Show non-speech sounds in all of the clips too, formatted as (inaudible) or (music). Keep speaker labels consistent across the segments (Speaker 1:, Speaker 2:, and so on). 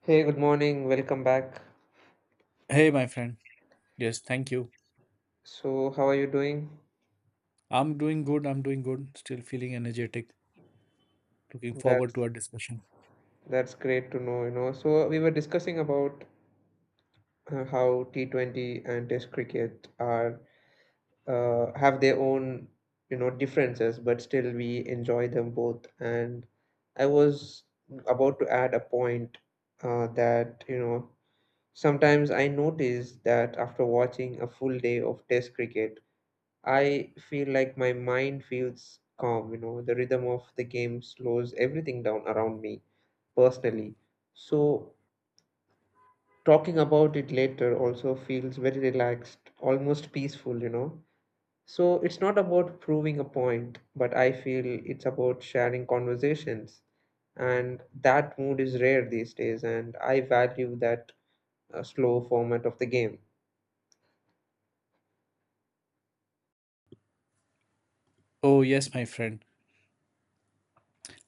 Speaker 1: Hey, good morning. Welcome back.
Speaker 2: Hey, my friend. Yes, thank you.
Speaker 1: So, how are you doing?
Speaker 2: I'm doing good. I'm doing good. Still feeling energetic. Looking forward
Speaker 1: That's
Speaker 2: to our discussion.
Speaker 1: that's great to know, you know. So, we were discussing about how T20 and Test cricket are, have their own, you know, differences, but still we enjoy them both. And I was about to add a point, that, you know, sometimes I notice that after watching a full day of Test cricket, I feel like my mind feels calm, you know, the rhythm of the game slows everything down around me personally. So talking about it later also feels very relaxed, almost peaceful, you know. So it's not about proving a point, but I feel it's about sharing conversations. And that mood is rare these days, and I value that slow format of the game.
Speaker 2: Oh, yes, my friend.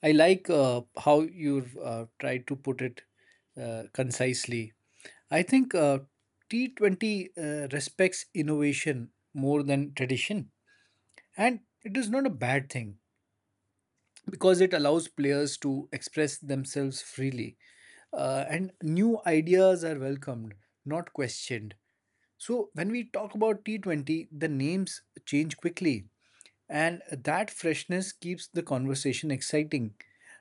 Speaker 2: I like how you've tried to put it concisely. I think T20 respects innovation more than tradition. And it is not a bad thing, because it allows players to express themselves freely, and new ideas are welcomed, not questioned. So when we talk about T20, the names change quickly, and that freshness keeps the conversation exciting.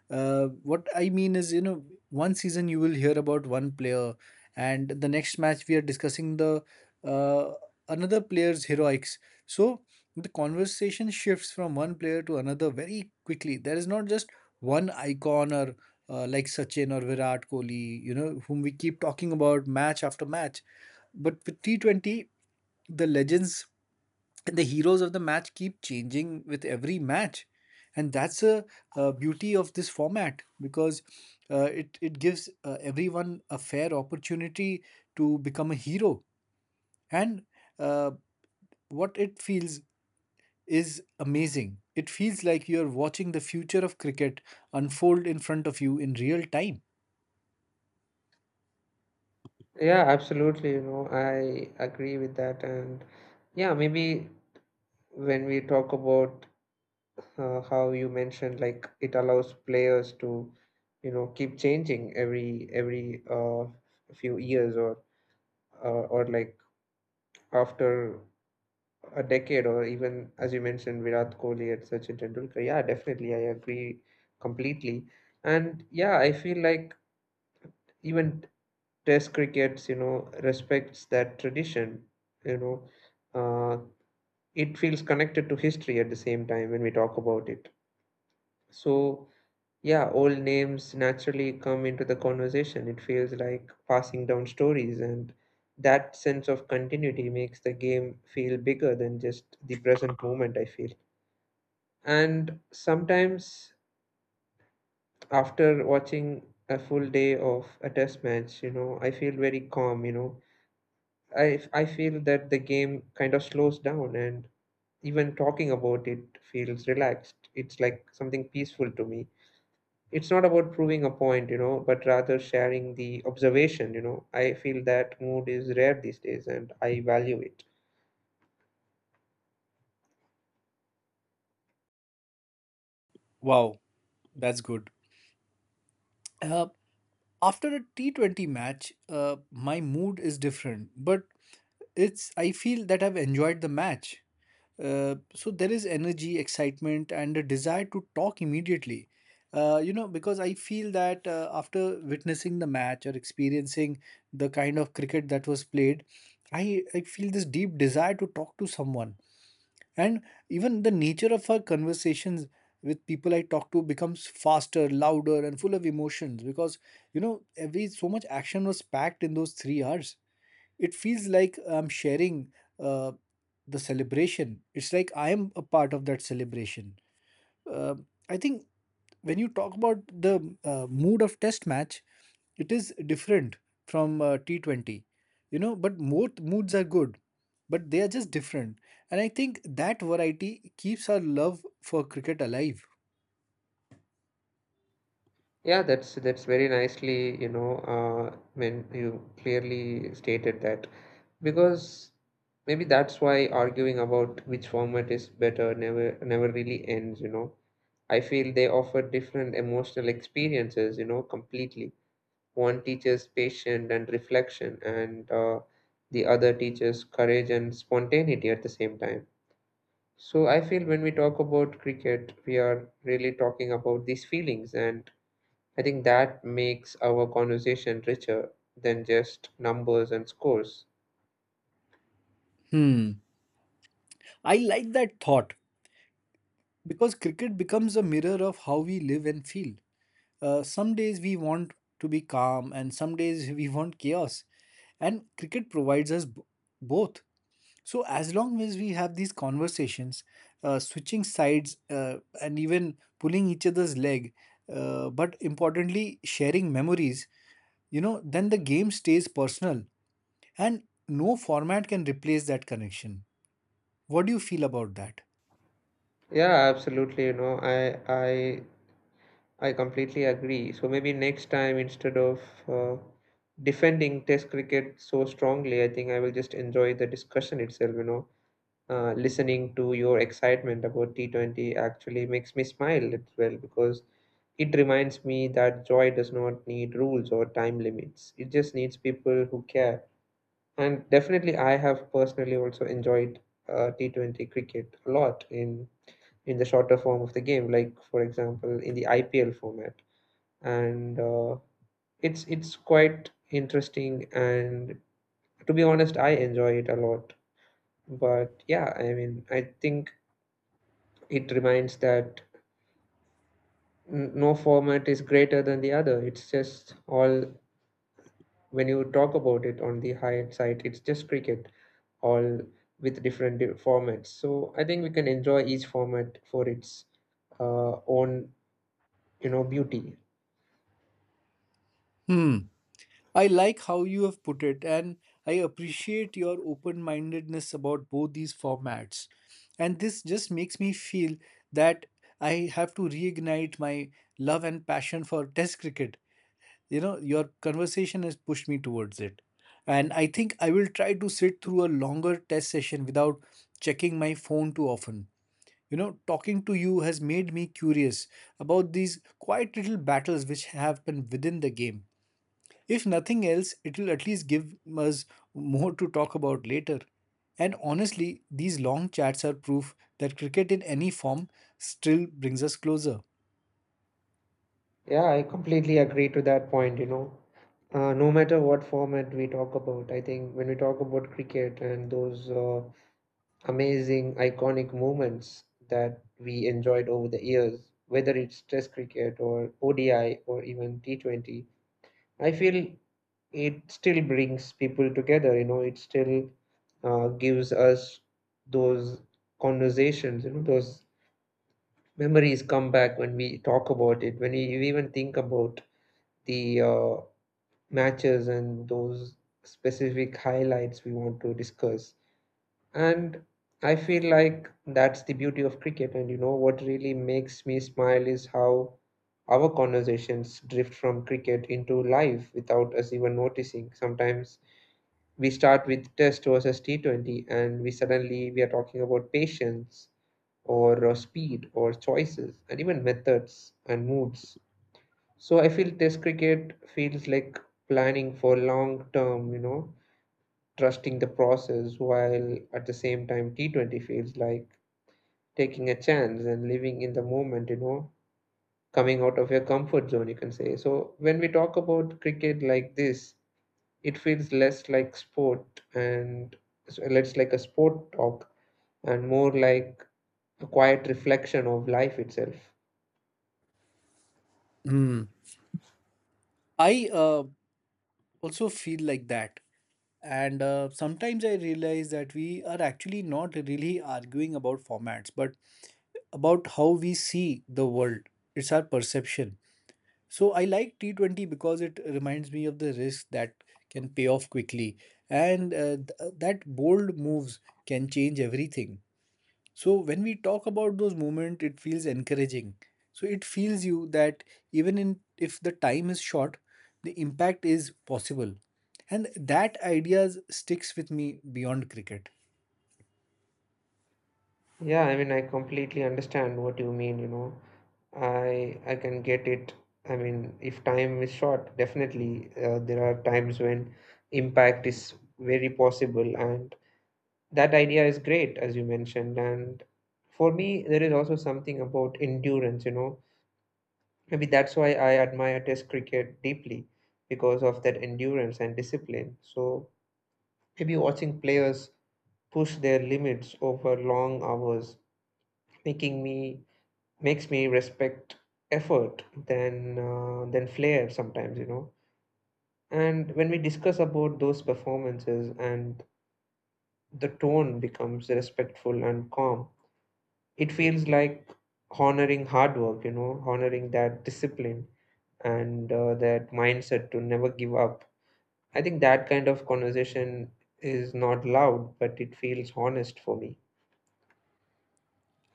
Speaker 2: What I mean is, you know, one season you will hear about one player, and the next match we are discussing the uh, another player's heroics. So the conversation shifts from one player to another very quickly. There is not just one icon or like Sachin or Virat Kohli, you know, whom we keep talking about match after match. But with T20, the legends and the heroes of the match keep changing with every match. And that's a, beauty of this format because it gives everyone a fair opportunity to become a hero. And uh, what it feels is amazing. It feels like you're watching the future of cricket unfold in front of you in real time.
Speaker 1: Yeah, absolutely, you know, I agree with that. And yeah, maybe when we talk about, how you mentioned, like it allows players to, you know, keep changing every few years, uh, or like after a decade, or even as you mentioned, Virat Kohli and Sachin Tendulkar. Yeah, definitely I agree completely. And yeah, I feel like even test crickets, you know, respects that tradition, you know. uh, it feels connected to history at the same time when we talk about it. So yeah, old names naturally come into the conversation. It feels like passing down stories, and that sense of continuity makes the game feel bigger than just the present moment, I feel. And sometimes, after watching a full day of a test match, you know, I feel very calm, you know. I feel that the game kind of slows down, and even talking about it feels relaxed. It's like something peaceful to me. It's not about proving a point, you know, but rather sharing the observation, you know. I feel that mood is rare these days and I value it.
Speaker 2: Wow, that's good. Uh, After a T20 match, my mood is different, but it's, I feel that I've enjoyed the match. So there is energy, excitement, and a desire to talk immediately. You know, because I feel that after witnessing the match or experiencing the kind of cricket that was played, I feel this deep desire to talk to someone, and even the nature of our conversations with people I talk to becomes faster, louder, and full of emotions because, you know, every so much action was packed in those 3 hours. It feels like I'm sharing uh, the celebration. It's like I am a part of that celebration. uh, I think when you talk about the mood of test match, it is different from T20, you know, but both moods are good, but they are just different. And I think that variety keeps our love for cricket alive.
Speaker 1: Yeah, that's very nicely, you know, when you clearly stated that. Because maybe that's why arguing about which format is better never really ends, you know. I feel they offer different emotional experiences, you know, completely. One teaches patience and reflection, and, the other teaches courage and spontaneity at the same time. So I feel when we talk about cricket, we are really talking about these feelings, and I think that makes our conversation richer than just numbers and scores.
Speaker 2: Hmm. I like that thought because cricket becomes a mirror of how we live and feel. Some days we want to be calm, and some days we want chaos. And cricket provides us both. So as long as we have these conversations, switching sides and even pulling each other's leg, but importantly sharing memories, you know, then the game stays personal, and no format can replace that connection. What do you feel about that?
Speaker 1: Yeah, absolutely. You know, I I completely agree. So maybe next time, instead of, uh, defending Test cricket so strongly, I think I will just enjoy the discussion itself. You know, listening to your excitement about T20 actually makes me smile as well, because it reminds me that joy does not need rules or time limits. It just needs people who care. And definitely, I have personally also enjoyed, T20 cricket a lot in the shorter form of the game, like for example in the IPL format. And it's quite interesting, and to be honest, I enjoy it a lot. But yeah, I mean, I think it reminds that no format is greater than the other. It's just all, when you talk about it on the high side, it's just cricket, all with different formats. So I think we can enjoy each format for its, own, you know, beauty.
Speaker 2: Hmm. I like how you have put it, and I appreciate your open-mindedness about both these formats. And this just makes me feel that I have to reignite my love and passion for Test cricket. You know, your conversation has pushed me towards it, and I think I will try to sit through a longer test session without checking my phone too often. You know, talking to you has made me curious about these quiet little battles which happen within the game. If nothing else, it will at least give us more to talk about later. And honestly, these long chats are proof that cricket in any form still brings us closer.
Speaker 1: Yeah, I completely agree to that point, you know. No matter what format we talk about, I think when we talk about cricket and those, amazing, iconic moments that we enjoyed over the years, whether it's Test cricket or ODI or even T20. I feel it still brings people together, you know, it still, gives us those conversations, you know, those memories come back when we talk about it, when you even think about the, matches and those specific highlights we want to discuss. And I feel like that's the beauty of cricket. And you know what really makes me smile is how our conversations drift from cricket into life without us even noticing. Sometimes we start with Test versus T20, and we suddenly we are talking about patience or, speed or choices and even methods and moods. So I feel Test cricket feels like planning for long term. You know, trusting the process, while at the same time T20 feels like taking a chance and living in the moment, you know, coming out of your comfort zone, you can say. So when we talk about cricket like this, it feels less like sport, and so less like a sport talk and more like a quiet reflection of life itself.
Speaker 2: Hmm. I also feel like that. And sometimes I realize that we are actually not really arguing about formats, but about how we see the world. It's our perception. So I like T20 because it reminds me of the risk that can pay off quickly. And that bold moves can change everything. So when we talk about those moments, it feels encouraging. So it feels you that even in if the time is short, the impact is possible. And that idea sticks with me beyond cricket.
Speaker 1: Yeah, I mean, I completely understand what you mean, you know. I can get it. I mean, if time is short, definitely, there are times when impact is very possible, and that idea is great, as you mentioned. And for me, there is also something about endurance, you know. Maybe that's why I admire Test cricket deeply, because of that endurance and discipline. So maybe watching players push their limits over long hours, making me makes me respect effort than, than flair sometimes, you know. And when we discuss about those performances and the tone becomes respectful and calm, it feels like honoring hard work, you know, honoring that discipline, and, that mindset to never give up. I think that kind of conversation is not loud, but it feels honest for me.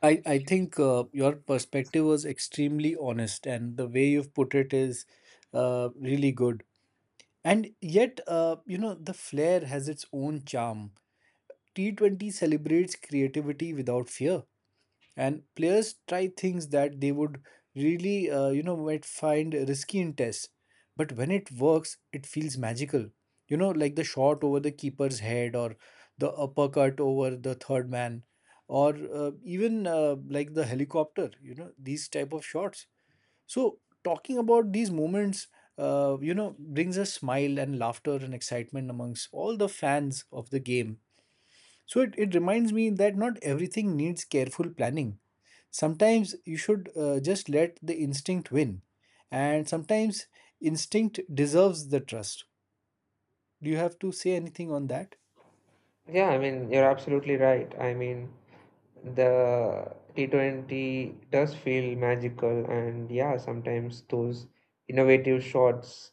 Speaker 2: I think your perspective was extremely honest, and the way you've put it is really good. And yet, you know, the flair has its own charm. T20 celebrates creativity without fear, and players try things that they would really, you know, might find risky in tests, but when it works it feels magical. You know, like the shot over the keeper's head, or the uppercut over the third man, or even like the helicopter, you know, these type of shots. So talking about these moments, you know, brings a smile and laughter and excitement amongst all the fans of the game. So it reminds me that not everything needs careful planning. Sometimes you should just let the instinct win, and sometimes instinct deserves the trust. Do you have to say anything on that?
Speaker 1: Yeah, I mean, you're absolutely right. I mean, the T20 does feel magical, and yeah, sometimes those innovative shots,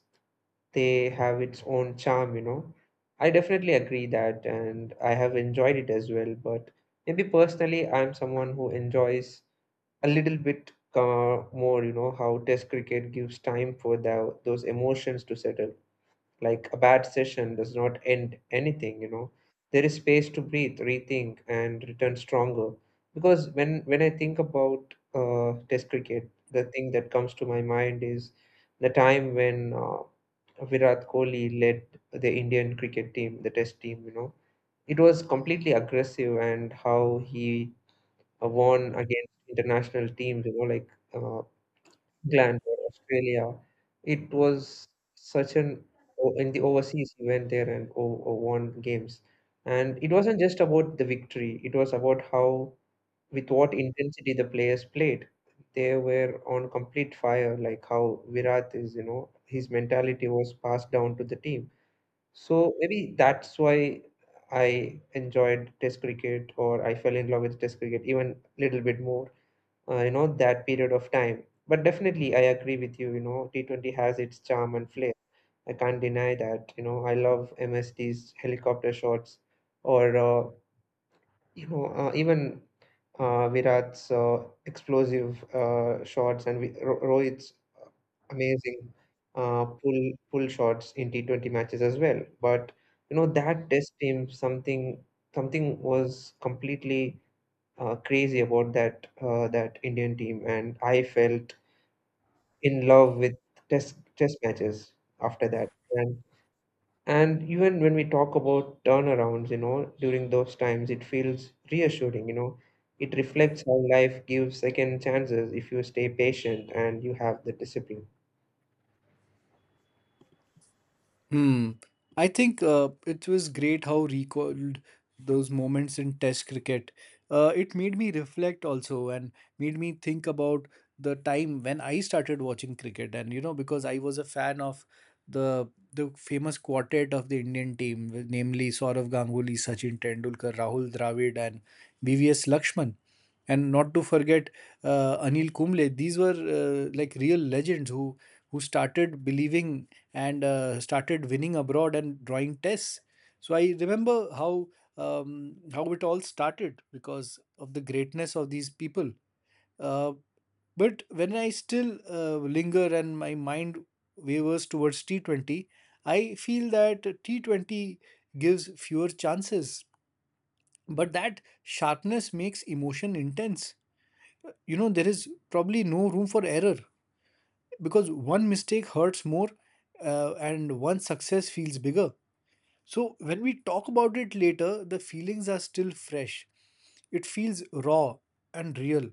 Speaker 1: they have its own charm, you know. I definitely agree that, and I have enjoyed it as well. But maybe personally, I'm someone who enjoys a little bit, more, you know, how Test cricket gives time for the, those emotions to settle. Like a bad session does not end anything, you know. There is space to breathe, rethink, and return stronger. Because when I think about, Test cricket, the thing that comes to my mind is the time when, Virat Kohli led the Indian cricket team, the Test team. You know, it was completely aggressive, and how he, won against international teams. You know, like, uh, England or Australia. It was such an in the overseas he went there and won games, and it wasn't just about the victory. It was about how, with what intensity the players played. They were on complete fire, like how Virat is. You know, his mentality was passed down to the team. So maybe that's why I enjoyed Test cricket, or I fell in love with Test cricket even a little bit more, you know, that period of time. But definitely I agree with you, you know, t20 has its charm and flair. I can't deny that, you know. I love MSD's helicopter shots, or, you know, even, Virat's, explosive, shots, and Rohit's amazing, pull shots in T20 matches as well. But you know, that test team, something was completely, crazy about that, that Indian team, and I felt in love with test matches after that. And even when we talk about turnarounds, you know, during those times, it feels reassuring. You know, it reflects how life gives second chances if you stay patient and you have the discipline.
Speaker 2: Hmm. I think it was great how recalled those moments in Test cricket. It made me reflect also, and made me think about the time when I started watching cricket. And you know, because I was a fan of the famous quartet of the Indian team, namely Saurav Ganguly, Sachin Tendulkar, Rahul Dravid, and VVS Lakshman. And not to forget Anil Kumble. These were like real legends who started believing and started winning abroad and drawing tests. So I remember how it all started because of the greatness of these people. Uh, but when I still linger and my mind wavers towards T20, I feel that T20 gives fewer chances, but that sharpness makes emotion intense. You know, there is probably no room for error because one mistake hurts more, and one success feels bigger. So when we talk about it later, the feelings are still fresh. It feels raw and real.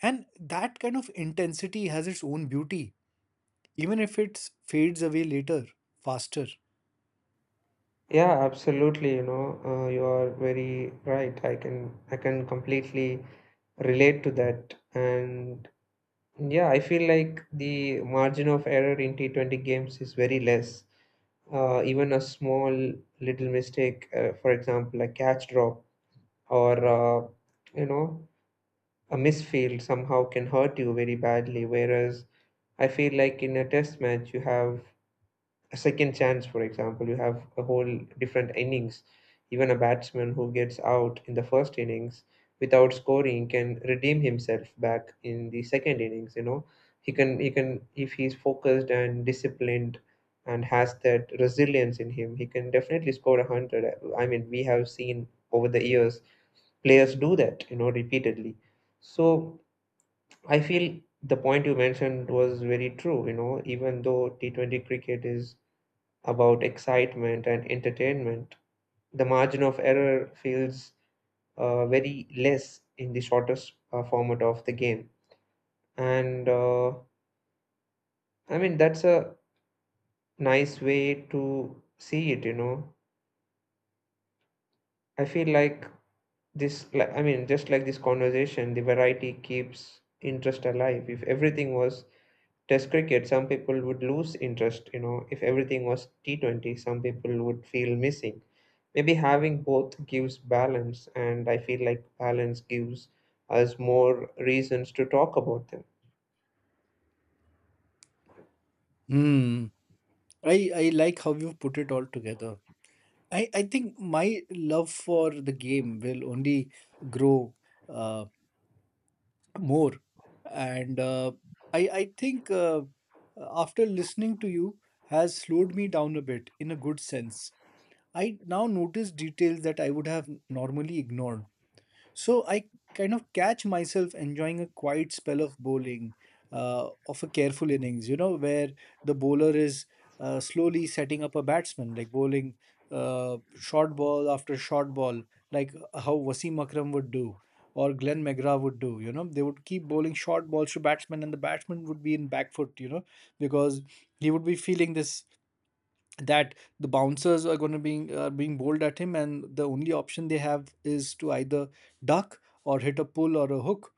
Speaker 2: And that kind of intensity has its own beauty, even if it fades away later, faster.
Speaker 1: Yeah, absolutely. You know, you are very right. I can completely relate to that. And yeah, I feel like the margin of error in T20 games is very less. Even a small little mistake, for example, a catch drop, or, you know, a misfield somehow can hurt you very badly. Whereas I feel like in a test match you have a second chance, for example. You have a whole different innings. Even a batsman who gets out in the first innings without scoring can redeem himself back in the second innings. You know, he can, if he's focused and disciplined and has that resilience in him, he can definitely score a hundred. I mean, we have seen over the years players do that. You know, repeatedly. So I feel the point you mentioned was very true. You know, even though T20 cricket is about excitement and entertainment, the margin of error feels, very less in the shortest, format of the game. And, I mean, that's a nice way to see it, you know. I feel like this, like, I mean, just like this conversation, the variety keeps interest alive. If everything was test cricket, some people would lose interest. You know, if everything was T20, some people would feel missing. Maybe having both gives balance, and I feel like balance gives us more reasons to talk about them.
Speaker 2: Hmm. I like how you put it all together. I think my love for the game will only grow uh, more. And I think after listening to you has slowed me down a bit in a good sense. I now notice details that I would have normally ignored. So I kind of catch myself enjoying a quiet spell of bowling, of a careful innings, you know, where the bowler is slowly setting up a batsman, like bowling short ball after short ball, like how Wasim Akram would do, or Glenn McGrath would do. You know, they would keep bowling short balls to batsmen, and the batsman would be in back foot, you know, because he would be feeling this that the bouncers are going to be, are being bowled at him, and the only option they have is to either duck or hit a pull or a hook.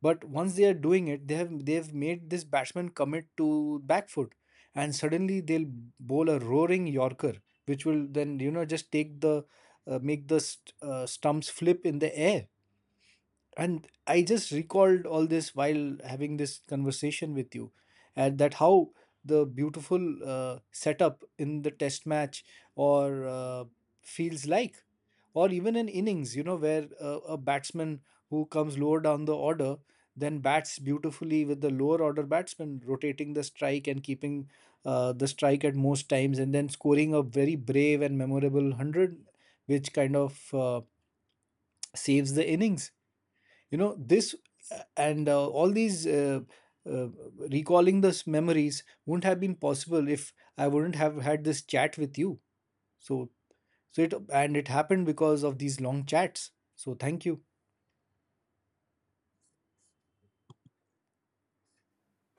Speaker 2: But once they are doing it, they've made this batsman commit to back foot, and suddenly they'll bowl a roaring yorker, which will then, you know, just take the, make the stumps flip in the air. And I just recalled all this while having this conversation with you, and that how the beautiful setup in the test match or, feels like, or even in innings, you know, where a batsman who comes lower down the order then bats beautifully with the lower order batsman rotating the strike and keeping the strike at most times, and then scoring a very brave and memorable 100, which kind of saves the innings. You know, this and all these uh, recalling those memories wouldn't have been possible if I wouldn't have had this chat with you. so so it it happened because of these long chats, so thank you.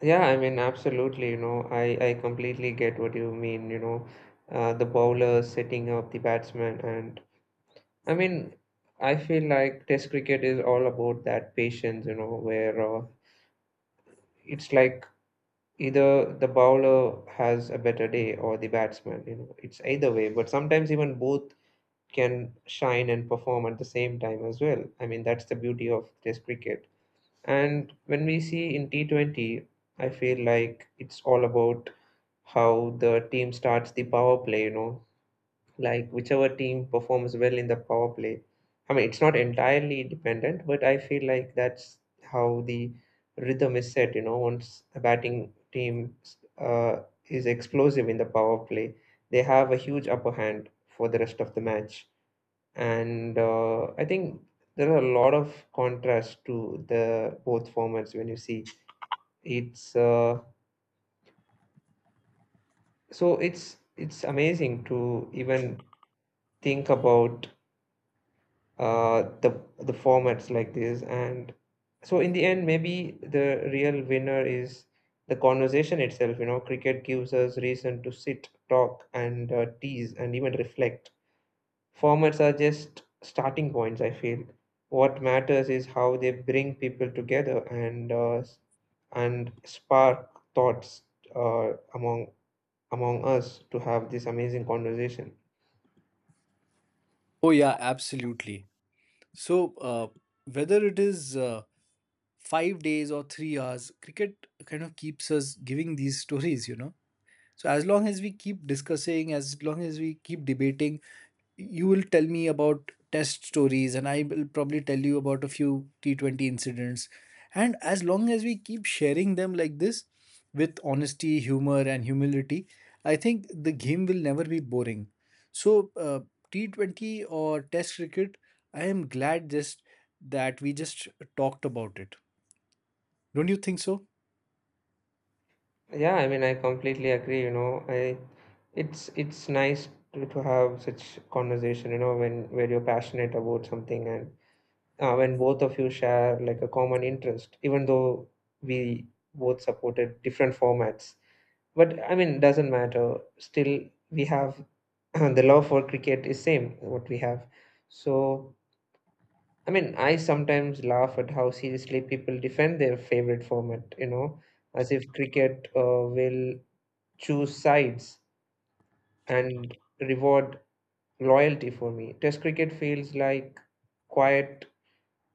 Speaker 1: Yeah, I mean, absolutely. You know, I completely get what you mean. You know, the bowler setting up the batsman, and I mean, I feel like Test cricket is all about that patience, you know, where it's like either the bowler has a better day or the batsman, you know, it's either way. But sometimes even both can shine and perform at the same time as well. I mean, that's the beauty of Test cricket. And when we see in T20, I feel like it's all about how the team starts the power play, you know, like whichever team performs well in the power play. I mean, it's not entirely dependent, but I feel like that's how the rhythm is set. You know, once a batting team uh, is explosive in the power play, they have a huge upper hand for the rest of the match. And I think there are a lot of contrast to the both formats when you see it's uh, it's amazing to even think about the formats like this. And so in the end, maybe the real winner is the conversation itself. You know, cricket gives us reason to sit, talk, and tease and even reflect. Formats are just starting points, I feel. What matters is how they bring people together and and spark thoughts among among us to have this amazing conversation.
Speaker 2: Oh, yeah, absolutely. So, whether it is 5 days or 3 hours, cricket kind of keeps us giving these (laughs) stories, you know. So as long as we keep discussing, as long as we keep debating, you will tell me about test stories and I will probably tell you about a few T20 incidents. And as long as we keep sharing them like this with honesty, humor, and humility, I think the game will never be boring. So, T20 or test cricket, I am glad just that we just talked about it. Don't you think so?
Speaker 1: Yeah, I mean, I completely agree, you know. I It's nice to have such conversation, you know, when where you're passionate about something, and when both of you share like a common interest, even though we both supported different formats. But I mean, doesn't matter. Still, we have (clears throat) the love for cricket is same what we have. So I mean, I sometimes laugh at how seriously people defend their favorite format, you know, as if cricket will choose sides and reward loyalty. For me, Test cricket feels like quiet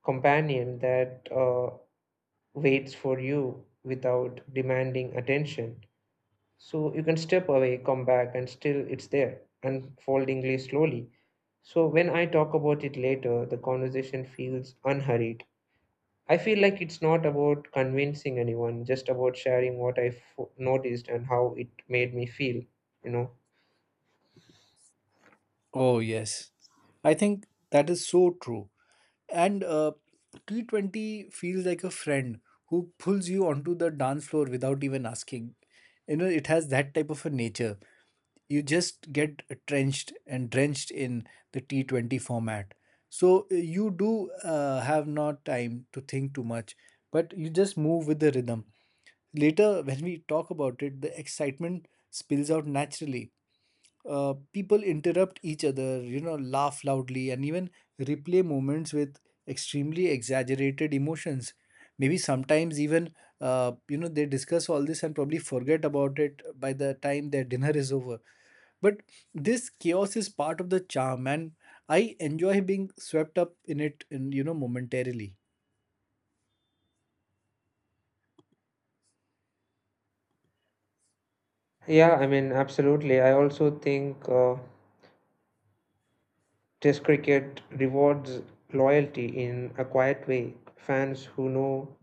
Speaker 1: companion that waits for you without demanding attention. So you can step away, come back, and still it's there, unfoldingly slowly. So when I talk about it later, the conversation feels unhurried. I feel like it's not about convincing anyone, just about sharing what noticed and how it made me feel, you know.
Speaker 2: Oh, yes. I think that is so true. And T20 feels like a friend who pulls you onto the dance floor without even asking. You know, it has that type of a nature. You just get trenched and drenched in the T20 format. So you do have not time to think too much, but you just move with the rhythm. Later, when we talk about it, the excitement spills out naturally. People interrupt each other, you know, laugh loudly, and even replay moments with extremely exaggerated emotions. Maybe sometimes even, you know, they discuss all this and probably forget about it by the time their dinner is over. But this chaos is part of the charm, and I enjoy being swept up in it, in, you know, momentarily.
Speaker 1: Yeah, I mean, absolutely. I also think Test cricket rewards loyalty in a quiet way. Fans who know,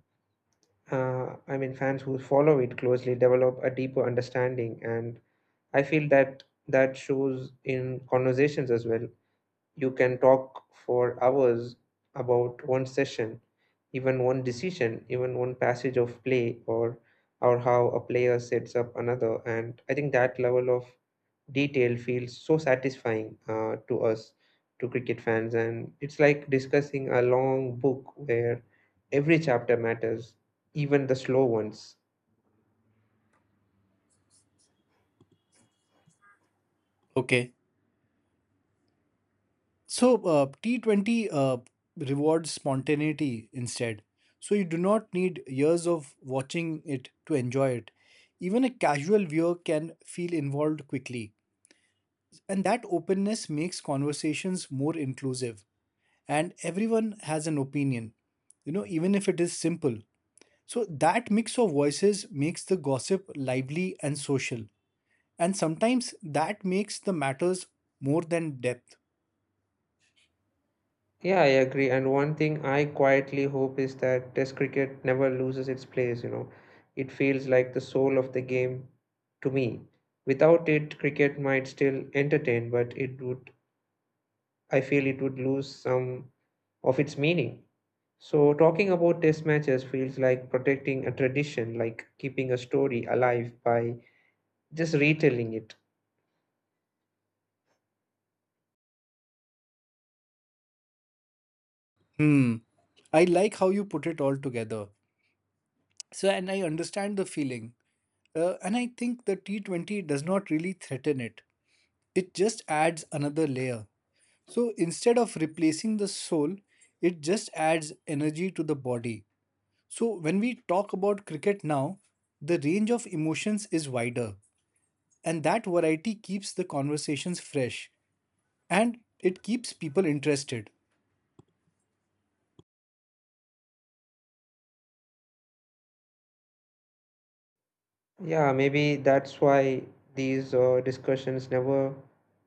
Speaker 1: fans who follow it closely develop a deeper understanding, and I feel that that shows in conversations as well. You can talk for hours about one session, even one decision, even one passage of play, or how a player sets up another. And I think that level of detail feels so satisfying to us, to cricket fans, and it's like discussing a long book where every chapter matters, even the slow ones.
Speaker 2: Okay. So T20 rewards spontaneity instead. So you do not need years of watching it to enjoy it. Even a casual viewer can feel involved quickly. And that openness makes conversations more inclusive. And everyone has an opinion, you know, even if it is simple. So that mix of voices makes the gossip lively and social. And sometimes that makes the matters more than depth.
Speaker 1: Yeah, I agree. And one thing I quietly hope is that Test cricket never loses its place, you know. It feels like the soul of the game to me. Without it, cricket might still entertain, but it would, I feel it would lose some of its meaning. So, talking about Test matches feels like protecting a tradition, like keeping a story alive by just retelling it.
Speaker 2: Hmm. I like how you put it all together. So, and I understand the feeling. And I think the T20 does not really threaten it, it just adds another layer. So, instead of replacing the soul, it just adds energy to the body. So, when we talk about cricket now, the range of emotions is wider, and that variety keeps the conversations fresh and it keeps people interested.
Speaker 1: Yeah, maybe that's why these discussions never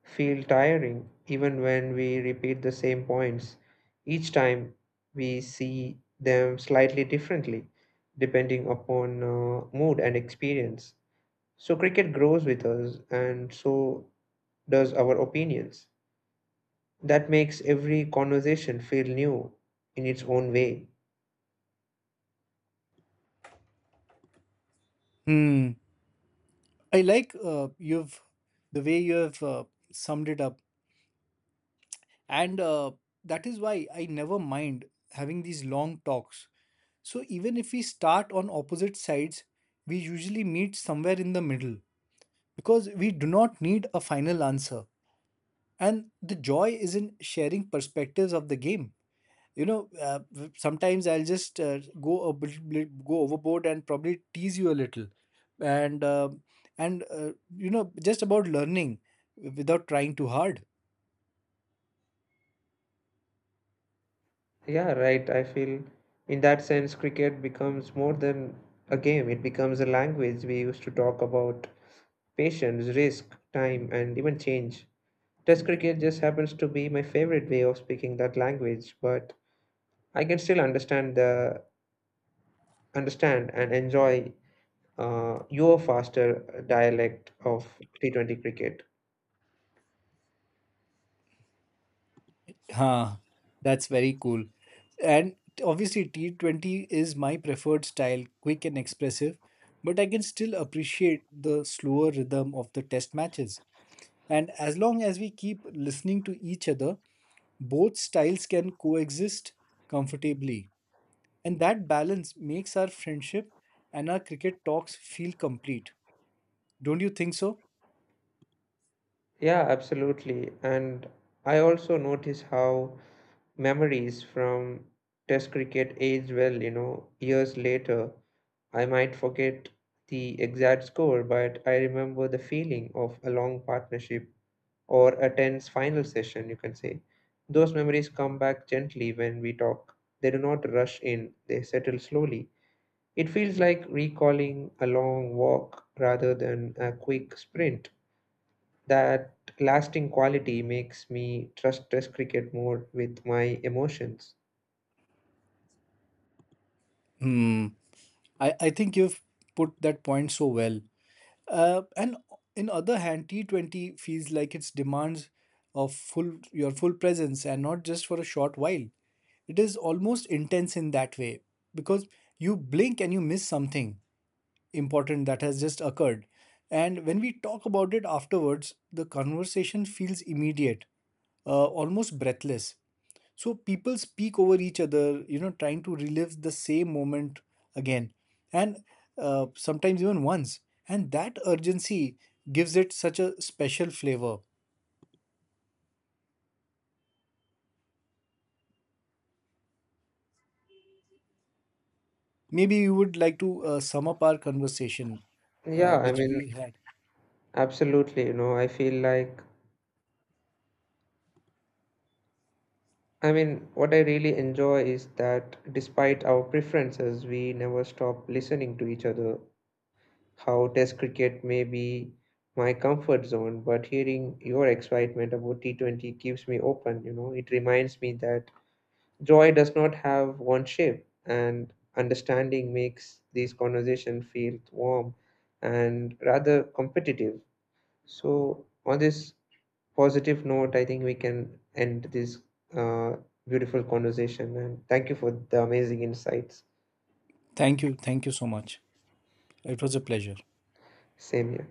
Speaker 1: feel tiring, even when we repeat the same points. Each time we see them slightly differently, depending upon mood and experience. So, cricket grows with us, and so does our opinions. That makes every conversation feel new in its own way.
Speaker 2: Hmm. I like you've the way you have summed it up. And that is why I never mind having these long talks. So even if we start on opposite sides, we usually meet somewhere in the middle because we do not need a final answer. And the joy is in sharing perspectives of the game. You know, sometimes I'll just go a bit, go overboard and probably tease you a little, and uh, and you know, just about learning without trying too hard.
Speaker 1: Yeah, right. I feel in that sense, cricket becomes more than a game, it becomes a language. We use to talk about patience, risk, time, and even change. Test cricket just happens to be my favorite way of speaking that language, but I can still understand the understand and enjoy your faster dialect of T20 cricket.
Speaker 2: Huh, that's very cool. And obviously, T20 is my preferred style, quick and expressive, but I can still appreciate the slower rhythm of the test matches. And as long as we keep listening to each other, both styles can coexist comfortably. And that balance makes our friendship and our cricket talks feel complete. Don't you think so?
Speaker 1: Yeah, absolutely. And I also notice how memories from test cricket age well, you know, years later. I might forget the exact score, but I remember the feeling of a long partnership or a tense final session, you can say. Those memories come back gently when we talk. They do not rush in, they settle slowly. It feels like recalling a long walk rather than a quick sprint. That lasting quality makes me trust test cricket more with my emotions.
Speaker 2: Hmm. I think you've put that point so well. And in other hand, T20 feels like it demands of full your full presence and not just for a short while. It is almost intense in that way because you blink and you miss something important that has just occurred. And when we talk about it afterwards, the conversation feels immediate, almost breathless. So people speak over each other, you know, trying to relive the same moment again, and sometimes even once. And that urgency gives it such a special flavor. Maybe you would like to sum up our conversation,
Speaker 1: Yeah, I
Speaker 2: which
Speaker 1: mean,
Speaker 2: we had.
Speaker 1: absolutely. You know, I feel like, I mean, what I really enjoy is that despite our preferences, we never stop listening to each other. How Test cricket may be my comfort zone, but hearing your excitement about T20 keeps me open. You know, it reminds me that joy does not have one shape, and understanding makes these conversations feel warm and rather competitive. So, on this positive note, I think we can end this uh, beautiful conversation. And thank you for the amazing insights.
Speaker 2: Thank you. Thank you so much. It was a pleasure.
Speaker 1: Same here.